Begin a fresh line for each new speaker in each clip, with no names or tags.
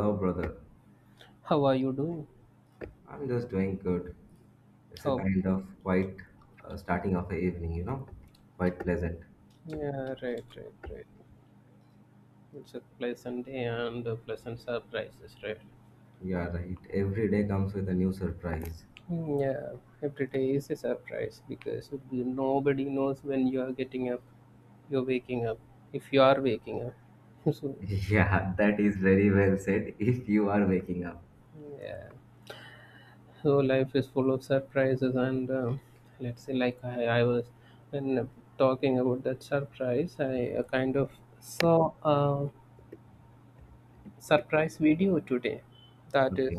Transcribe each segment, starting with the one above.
Hello, brother.
How are you doing?
I'm just doing good. It's a
Oh,
kind of quite starting of a evening, quite pleasant.
yeah, right, right, right. It's a pleasant day and a pleasant surprises, right?
Yeah, right. Every day comes with a new surprise.
Hmm, yeah. Every day is a surprise because nobody knows when you are getting up, you're waking up, if you are waking up. So,
Yeah, that is very well said if you are waking up.
yeah. So life is full of surprises, and let's say, like I was when talking about that surprise, I kind of saw a surprise video today. That is
Okay.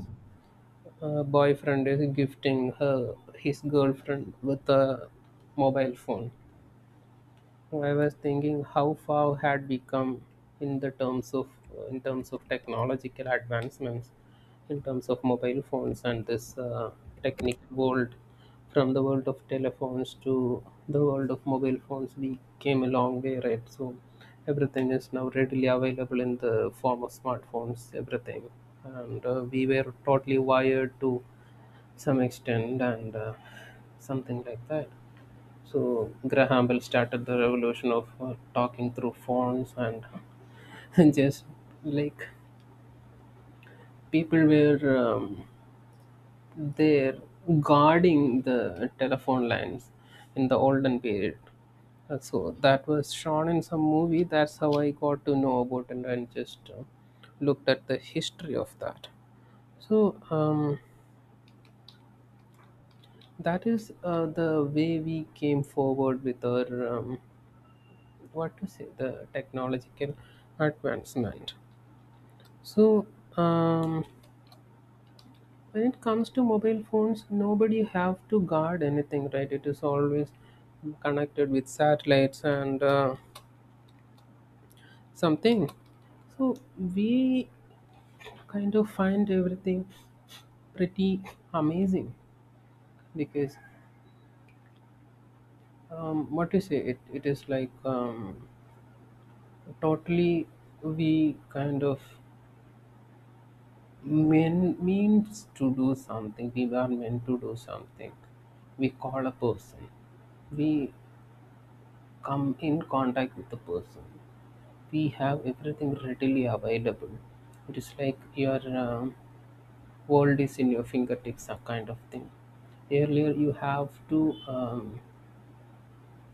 Her boyfriend is gifting her his girlfriend with a mobile phone. I was thinking how far had we come in the terms of in terms of technological advancements, in terms of mobile phones and this technical world. From the world of telephones to the world of mobile phones, we came a long way, right? So everything is now readily available in the form of smartphones. Everything, and we were totally wired to some extent and something like that. So Graham Bell started the revolution of talking through phones and just like people were there guarding the telephone lines in the olden period. And so that was shown in some movie. That's how I got to know about it and just looked at the history of that. So that is the way we came forward with our what to say, the technological advancement. So um, when it comes to mobile phones, nobody have to guard anything, right? It is always connected with satellites and something. So we kind of find everything pretty amazing because what to say, it is like totally, we kind of means to do something. We were meant to do something. We call a person. We come in contact with the person. We have everything readily available. It is like your world is in your fingertips, a kind of thing. Earlier, you have to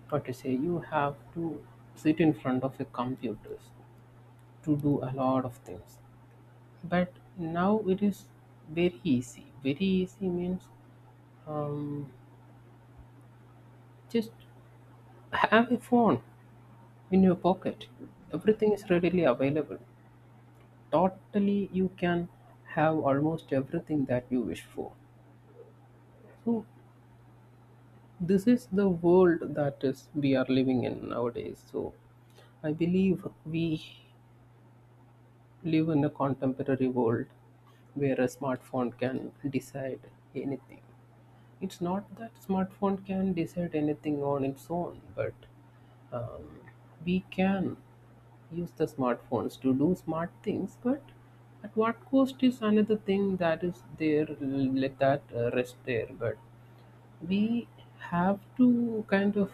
what to say. You have to sit in front of a computer to do a lot of things, but now it is very easy, very easy means um, just have a phone in your pocket, everything is readily available, totally you can have almost everything that you wish for. So this is the world that is we are living in nowadays. So I believe we live in a contemporary world where a smartphone can decide anything. It's not that smartphone can decide anything on its own, but um, we can use the smartphones to do smart things, but at what cost is another thing that is there. Let that rest there, but we have to kind of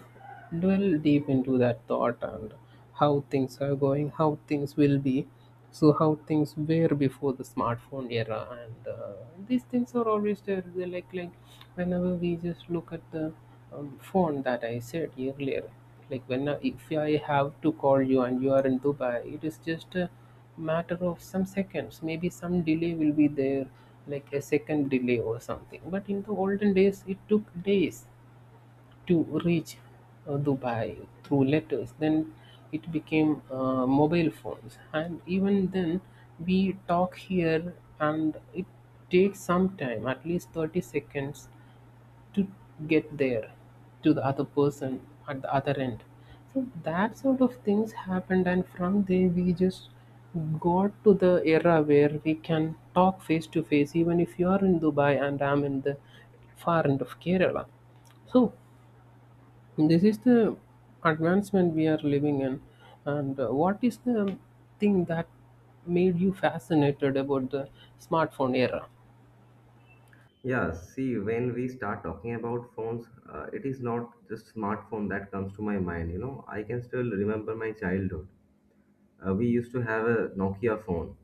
dwell deep into that thought, and how things are going, how things will be, so how things were before the smartphone era, and these things are always there. They're like whenever we just look at the phone that I said earlier, like when if I have to call you and you are in Dubai, it is just a matter of some seconds, maybe some delay will be there, like a second delay or something, but in the olden days it took days to reach Dubai through letters. Then it became mobile phones, and even then we talk here and it takes some time, at least 30 seconds to get there, to the other person at the other end. So that sort of things happened, and from there we just got to the era where we can talk face to face even if you are in Dubai and I'm in the far end of Kerala. So this is the advancement we are living in, and what is the thing that made you fascinated about the smartphone era?
Yeah, see, when we start talking about phones, it is not just smartphone that comes to my mind, you know. I can still remember my childhood. We used to have a Nokia phone,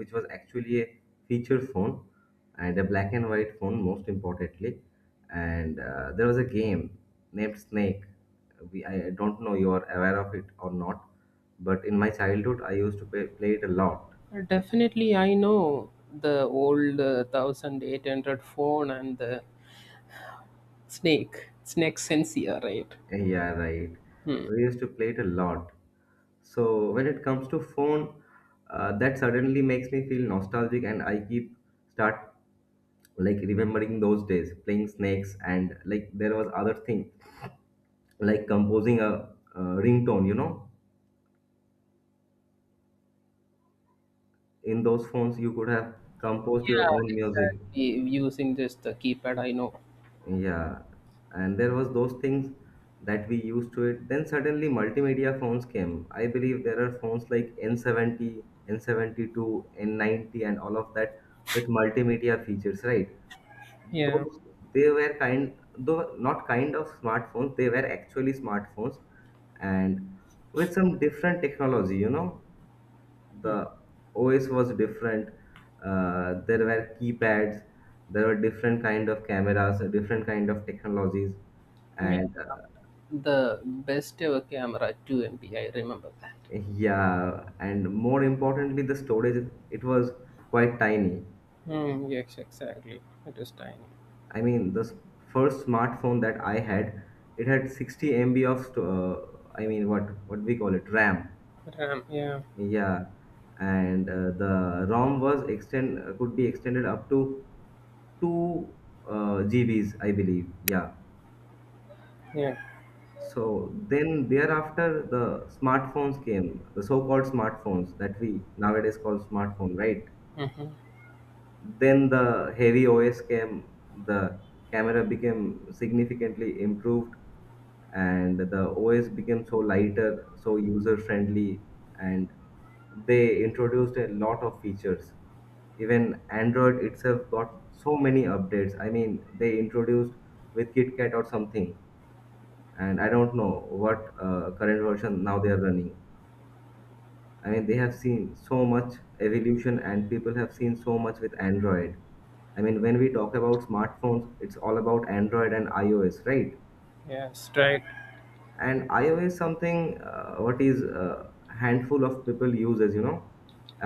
which was actually a feature phone and a black and white phone, most importantly. And there was a game named snake. I don't know you are aware of it or not, but in my childhood I used to play it a lot.
Definitely, I know the old 1800 phone and the snake sensor, right?
Yeah, right, we used to play it a lot. So when it comes to phone, that suddenly makes me feel nostalgic and I keep start like remembering those days playing snakes. And like there was other thing, like composing a ringtone, you know. In those phones you could have composed your
Yeah.
own music.
Using just the keypad, I know.
Yeah, and there was those things that we used to it. Then suddenly multimedia phones came. I believe there are phones like n70, n72, n90 and all of that, with multimedia features, right?
Yeah.
Those, they were kind, though not kind of smartphones, they were actually smartphones, and with some different technology, you know. The OS was different. There were keypads. There were different kind of cameras, different kind of technologies,
Yeah.
and
The best ever camera, 2 MP, I remember that.
yeah. And more importantly, the storage, it was quite tiny.
Mm, yes, exactly. It is tiny.
I mean, first smartphone that I had, it had 60 MB of I mean, what we call it, RAM.
RAM, yeah.
Yeah, and the ROM was extend could be extended up to two GBs, I believe. Yeah.
Yeah.
So then thereafter, the smartphones came, the so-called smartphones that we nowadays call smartphone, right?
Mm-hmm.
Then the heavy OS came, the camera became significantly improved, and the OS became so lighter, so user friendly, and they introduced a lot of features. Even Android itself got so many updates. I mean, they introduced with KitKat or something, and I don't know what current version now they are running. I mean, they have seen so much evolution, and people have seen so much with Android. I mean, when we talk about smartphones, it's all about Android and iOS, right?
Yes, right.
And iOS something what is handful of people uses, you know.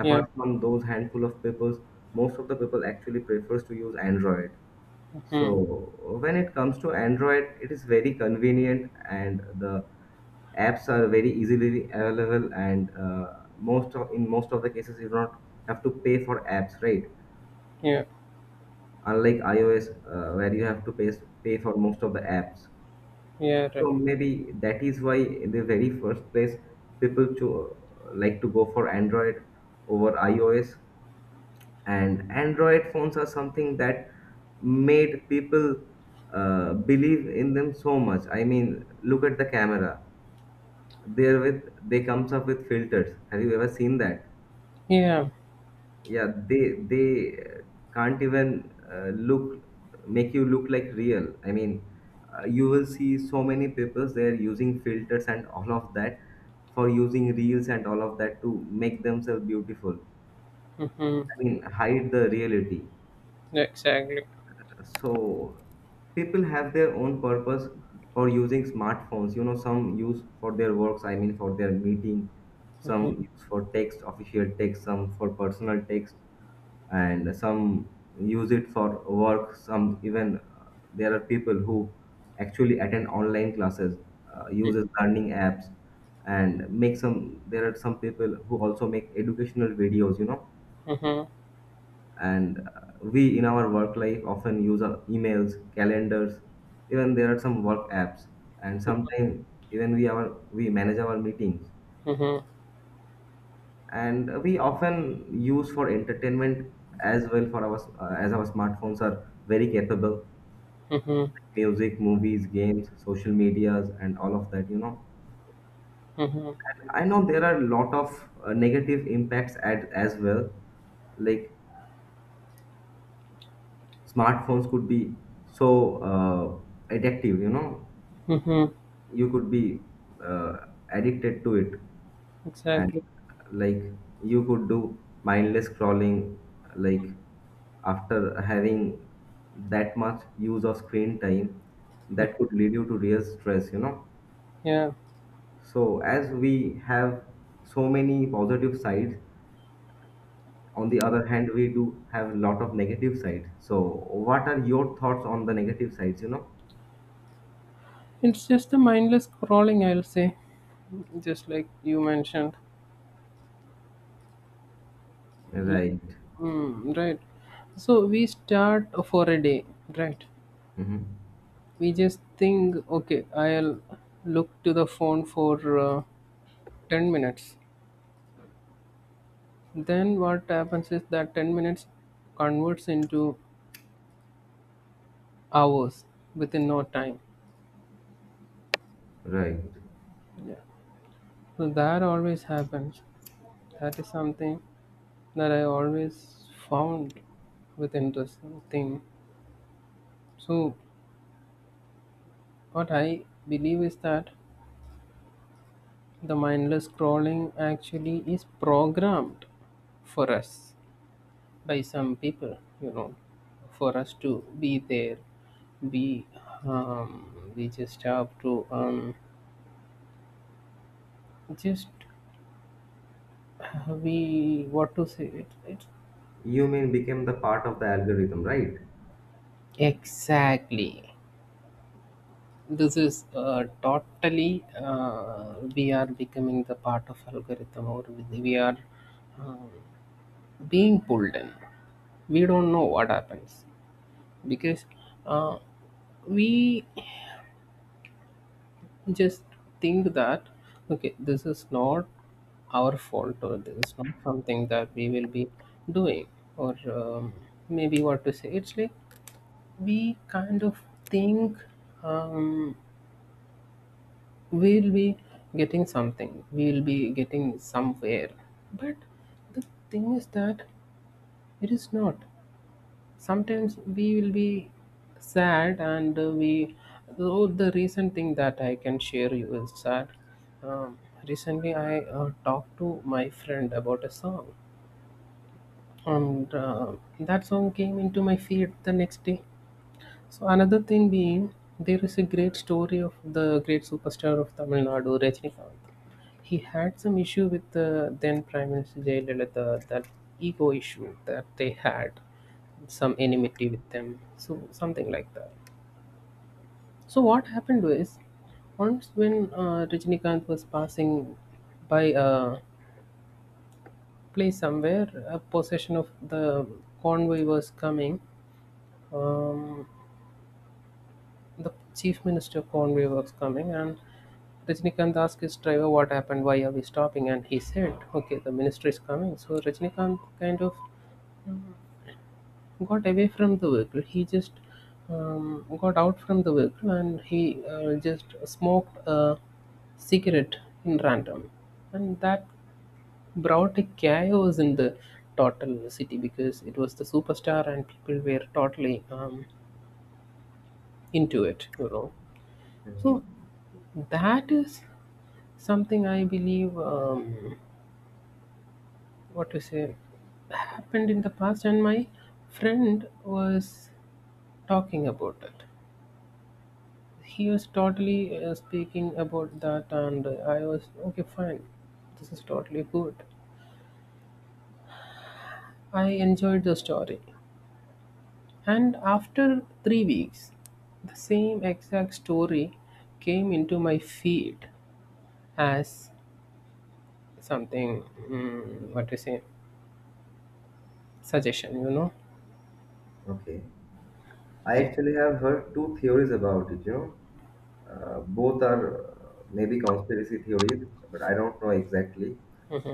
Yeah.
from those handful of people, most of the people actually prefers to use Android.
Mm-hmm.
So when it comes to Android, it is very convenient and the apps are very easily available, and most of, in most of the cases you do not have to pay for apps, right?
Yeah.
Unlike iOS, where you have to pay for most of the apps.
Yeah, right.
So maybe that is why in the very first place people to like to go for Android over iOS. And android phones are something that made people believe in them so much. I mean, look at the camera, there with they comes up with filters. Have you ever seen that?
Yeah.
Yeah, they can't even look, make you look like real. I mean, you will see so many people they're using filters and all of that, for using reels and all of that, to make themselves beautiful,
Mm-hmm.
I mean, hide the reality.
Exactly.
So people have their own purpose for using smartphones, you know. Some use for their works, I mean for their meeting, some
Mm-hmm.
use for text, official text, some for personal text, and some use it for work. Some, even there are people who actually attend online classes, uses learning apps, and make some, there are some people who also make educational videos, you know. And we in our work life often use our emails, calendars. Even there are some work apps, and sometimes even we manage our meetings.
Mm-hmm.
And we often use for entertainment as well, for our as our smartphones are very capable:
Mm-hmm.
music, movies, games, social medias and all of that, you know.
Mm-hmm.
And I know there are a lot of negative impacts as well. Like, smartphones could be so addictive, you know.
Mm-hmm.
You could be uh, addicted to it. And
Exactly.
like, you could do mindless scrolling. Like, after having that much use of screen time, that could lead you to real stress, you know.
Yeah.
So as we have so many positive sides, on the other hand we do have a lot of negative sides. So what are your thoughts on the negative sides, you know?
It's just a mindless scrolling, I'll say. Just like you mentioned. Like,
Right.
mm, right. So we start for a day, right?
Hmm,
We just think, okay, I'll look to the phone for 10 minutes. Then what happens is that 10 minutes converts into hours within no time.
right.
Yeah. So that always happens. That is something that I always found with interesting thing. So, what I believe is that the mindless scrolling actually is programmed for us by some people, for us to be there, be, we just have to, just we, what to say,
You mean became the part of the algorithm, right?
exactly. This is totally, we are becoming the part of algorithm or we are um, being pulled in. We don't know what happens because uh, we just think that okay, this is not our fault or this is not something that we will be doing, or maybe what to say, it's like we kind of think um, we'll be getting something, we'll be getting somewhere, but the thing is that it is not. Sometimes we will be sad and we though the recent thing that I can share you is that um, recently I talked to my friend about a song, and that song came into my feed the next day. So another thing being, there is a great story of the great superstar of Tamil Nadu, Rajnikanth. He had some issue with the then prime minister Jayalalitha, that ego issue that they had, some enmity with them. So something like that. So what happened was, once when Rajinikanth was passing by a place somewhere, a possession of the convoy was coming. Um, the chief minister of convoy was coming, and Rajinikanth asked his driver what happened, why are we stopping, and he said, "Okay, the minister is coming." So Rajinikanth kind of got away from the vehicle. He just got out from the vehicle and he just smoked a cigarette in random, and that brought a chaos in the total city because it was the superstar and people were totally into it.
Mm.
So that is something I believe. What to say? Happened in the past, and my friend was talking about it. He was totally speaking about that, and I was okay, fine, this is totally good, I enjoyed the story. And after 3 weeks, the same exact story came into my feed as something, what to say, suggestion,
Okay. I
yeah.
actually have heard two theories about it, you know. Both are maybe conspiracy theories, but I don't know exactly.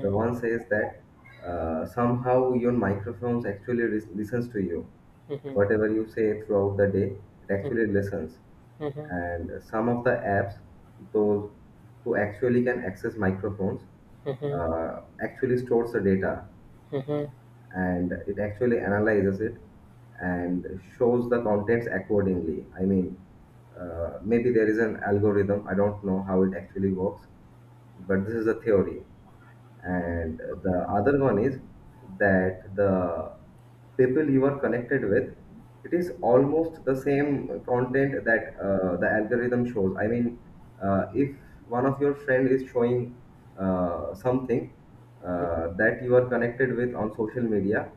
The one says that somehow your microphones actually listens to you.
mhm,
Whatever you say throughout the day, it actually listens.
mhm,
And some of the apps, those who actually can access microphones,
mhm,
actually stores the data.
mhm.
And it actually analyzes it and shows the contents accordingly. I mean, maybe there is an algorithm, I don't know how it actually works, but this is a theory. And the other one is that the people you are connected with, it is almost the same content that the algorithm shows. I mean, if one of your friend is showing something that you are connected with on social media,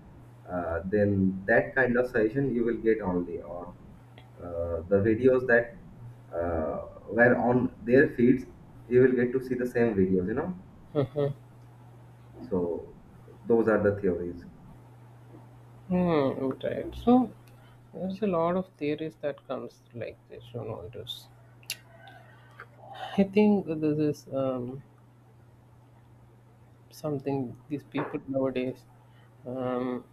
then that kind of suggestion you will get only, or the videos that uh, were on their feeds, you will get to see the same videos, you know. So those are the theories.
Hmm, right. So there's a lot of theories that comes like this, it is, I think this is something these people nowadays um,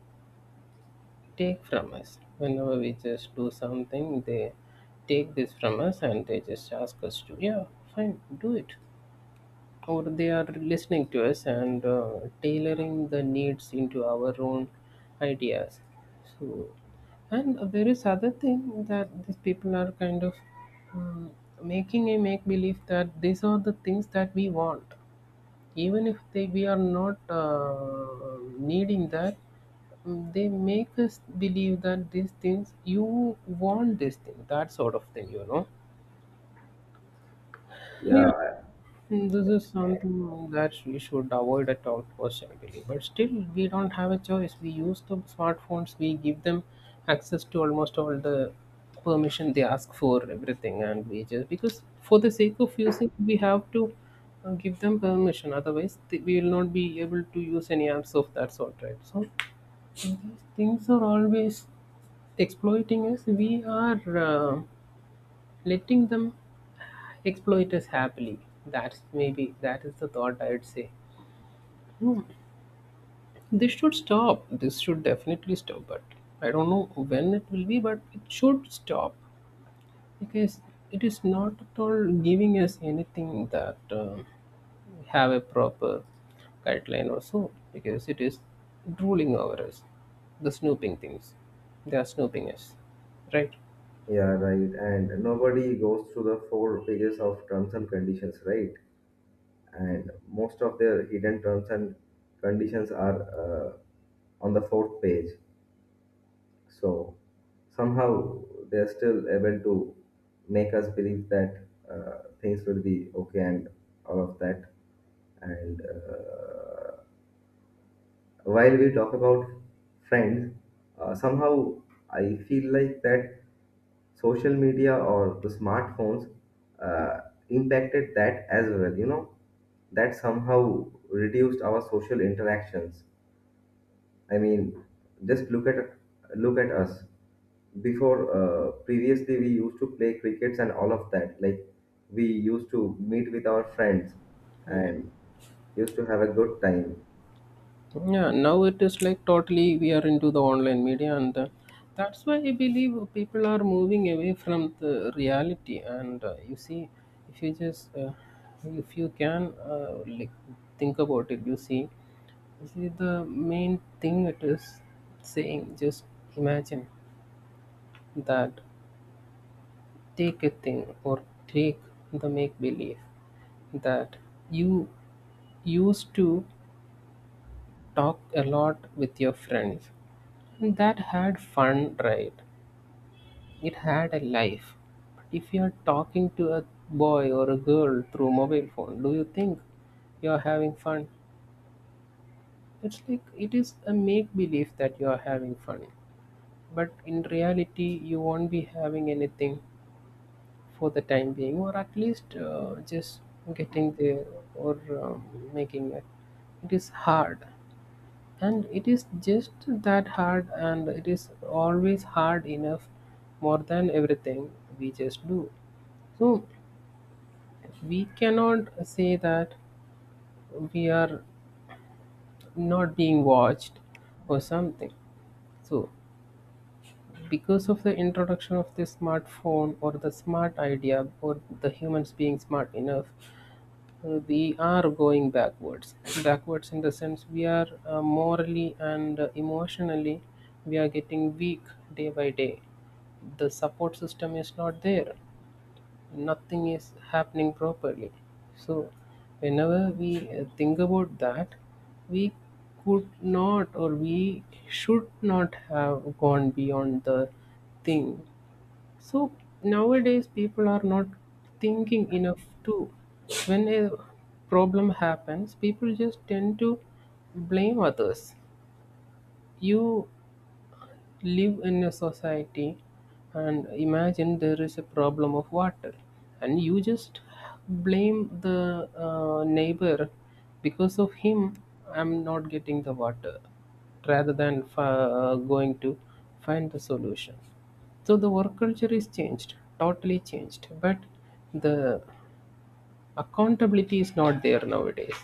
take from us. Whenever we just do something, they take this from us and they just ask us to, yeah, fine, do it. Or they are listening to us and tailoring the needs into our own ideas. So, and there is other thing that these people are kind of um, making a make believe that these are the things that we want, even if they we are not needing that. They make us believe that these things you want, this thing, that sort of thing.
Yeah,
This is something that we should avoid at all costs, ideally. But still, we don't have a choice. We use the smartphones, we give them access to almost all the permission they ask for, everything, and we just because for the sake of using, we have to give them permission. Otherwise, we will not be able to use any apps of that sort, right? So, these things are always exploiting us. We are letting them exploit us happily. That's maybe that is the thought I'd say. Hmm. This should stop. This should definitely stop. But I don't know when it will be, but it should stop because it is not at all giving us anything that have a proper guideline or so, because it is ruling over us. The snooping things, they are snooping us, right?
yeah, right. And nobody goes through the four pages of terms and conditions, right? And most of their hidden terms and conditions are on the fourth page. So somehow they're still able to make us believe that things will be okay and all of that. And while we talk about friends, somehow I feel like that social media or the smartphones uh, impacted that as well, you know, that somehow reduced our social interactions. I mean, just look at us. Before, previously we used to play crickets and all of that. Like, we used to meet with our friends
Okay.
and used to have a good time.
Yeah, now it is like totally we are into the online media, and that's why I believe people are moving away from the reality. And you see, if you just if you can like think about it, you see the main thing it is saying. Just imagine that, take a thing or take the make believe that you used to talk a lot with your friends and that had fun, right? It had a life. But if you're talking to a boy or a girl through mobile phone, do you think you're having fun? It's like it is a make believe that you're having fun. But in reality, you won't be having anything for the time being, or at least just getting there or making it. It is hard. And it is just that hard, and it is always hard enough, more than everything we just do. So, we cannot say that we are not being watched or something. So, because of the introduction of the smartphone or the smart idea or the humans being smart enough, we are going backwards, backwards in the sense we are morally and emotionally we are getting weak day by day. The support system is not there, nothing is happening properly. So whenever we think about that, we could not or we should not have gone beyond the thing. So nowadays people are not thinking enough too. When a problem happens, people just tend to blame others. You live in a society and imagine there is a problem of water and you just blame the neighbor, because of him I'm not getting the water, rather than going to find the solution. So the work culture is changed, totally changed, but the accountability is not there nowadays.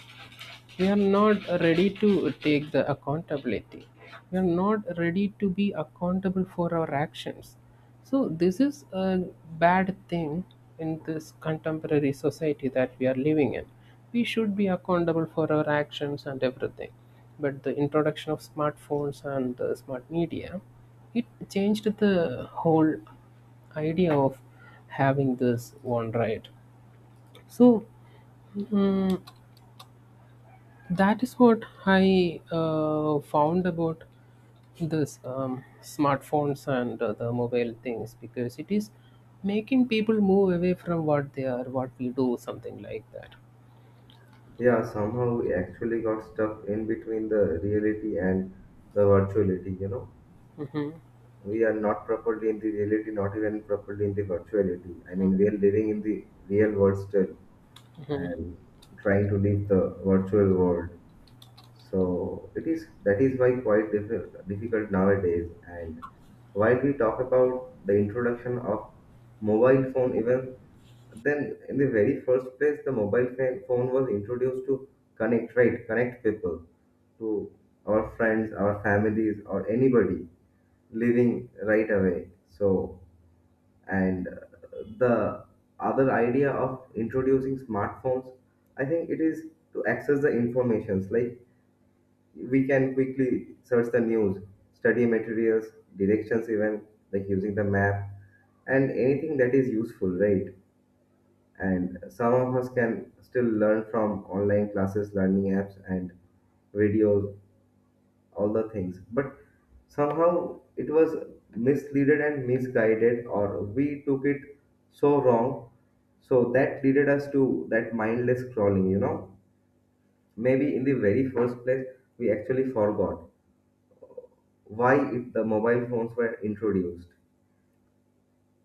We are not ready to take the accountability, we are not ready to be accountable for our actions. So this is a bad thing in this contemporary society that we are living in. We should be accountable for our actions and everything, but the introduction of smartphones and the smart media, it changed the whole idea of having this one, right? So Mm, that is what I found about this smartphones and the mobile things, because it is making people move away from what they are, what we do, something like that.
Yeah, somehow we actually got stuck in between the reality and the virtuality, you know. We are not properly in the reality, not even properly in the virtuality. I mean, we are living in the real world still and trying to leave the virtual world. So it is that is why quite difficult nowadays. And while we talk about the introduction of mobile phone, even then in the very first place, the mobile phone was introduced to connect, right? Connect people to our friends, our families, or anybody living right away. So and the other idea of introducing smartphones, I think it is to access the informations, like we can quickly search the news, study materials, directions even, like using the map, and anything that is useful, right? And some of us can still learn from online classes, learning apps and videos, all the things. But somehow it was misleaded and misguided, or we took it so wrong, so that leaded us to that mindless scrolling, you know. Maybe in the very first place we actually forgot why if the mobile phones were introduced.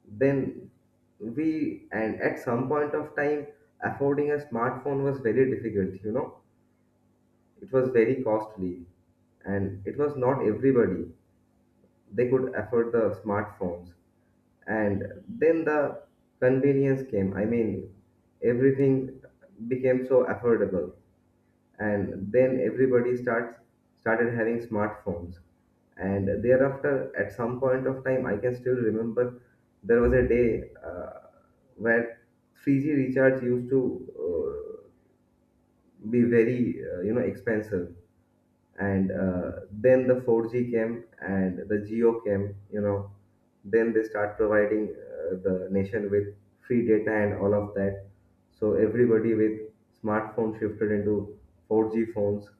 Then we, and at some point of time, affording a smartphone was very difficult, you know. It was very costly, and it was not everybody they could afford the smartphones. And then the convenience came. I mean, everything became so affordable. And then everybody starts started having smartphones. And thereafter, at some point of time, I can still remember there was a day where 3G recharge used to uh, be very you know, expensive. And then the 4G came, and the geo came, you know. Then they start providing the nation with free data and all of that. So everybody with smartphone shifted into 4G phones.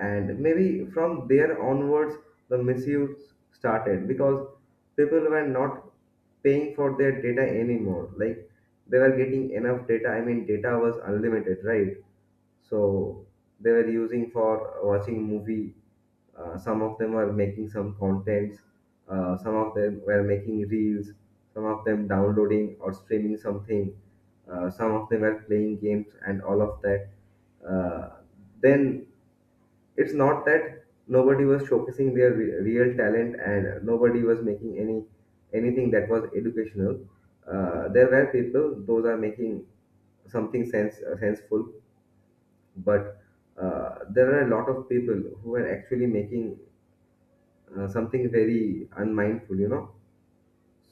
And maybe from there onwards the misuse started, because people were not paying for their data anymore. Like, they were getting enough data, I mean, data was unlimited, right? So they were using for watching movie, some of them were making some contents, some of them were making reels, some of them downloading or streaming something, some of them were playing games and all of that. uh, then, it's not that nobody was showcasing their real talent and nobody was making any anything that was educational. There were people; those are making something senseful, but there are a lot of people who are actually making something very unmindful. You know,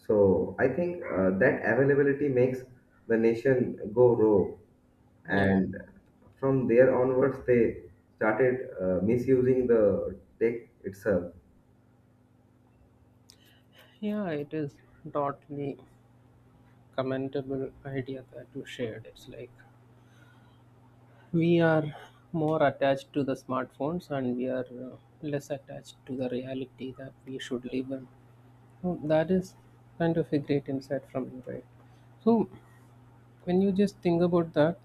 so I think that availability makes the nation go rogue,
Yeah,
and from there onwards they started misusing the tech itself.
yeah, it is totally commendable idea that you shared. It's like we are more attached to the smartphones and we are less attached to the reality that we should live in. Oh, that is kind of a great insight from you, right? So, when you just think about that,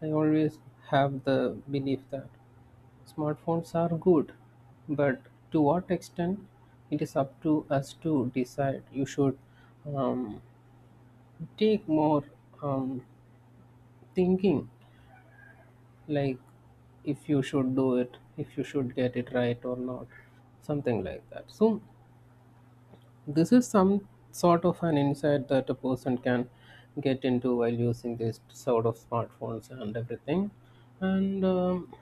I always have the belief that smartphones are good, but to what extent it is up to us to decide. You should um, take more um, thinking, like if you should do it, if you should get it right or not, something like that. So, this is some sort of an insight that a person can get into while using this sort of smartphones and everything, and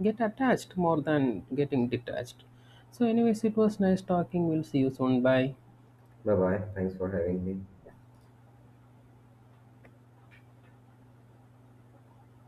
get attached more than getting detached. So, anyways, it was nice talking. We'll see you soon. Bye.
Bye bye. Thanks for having me.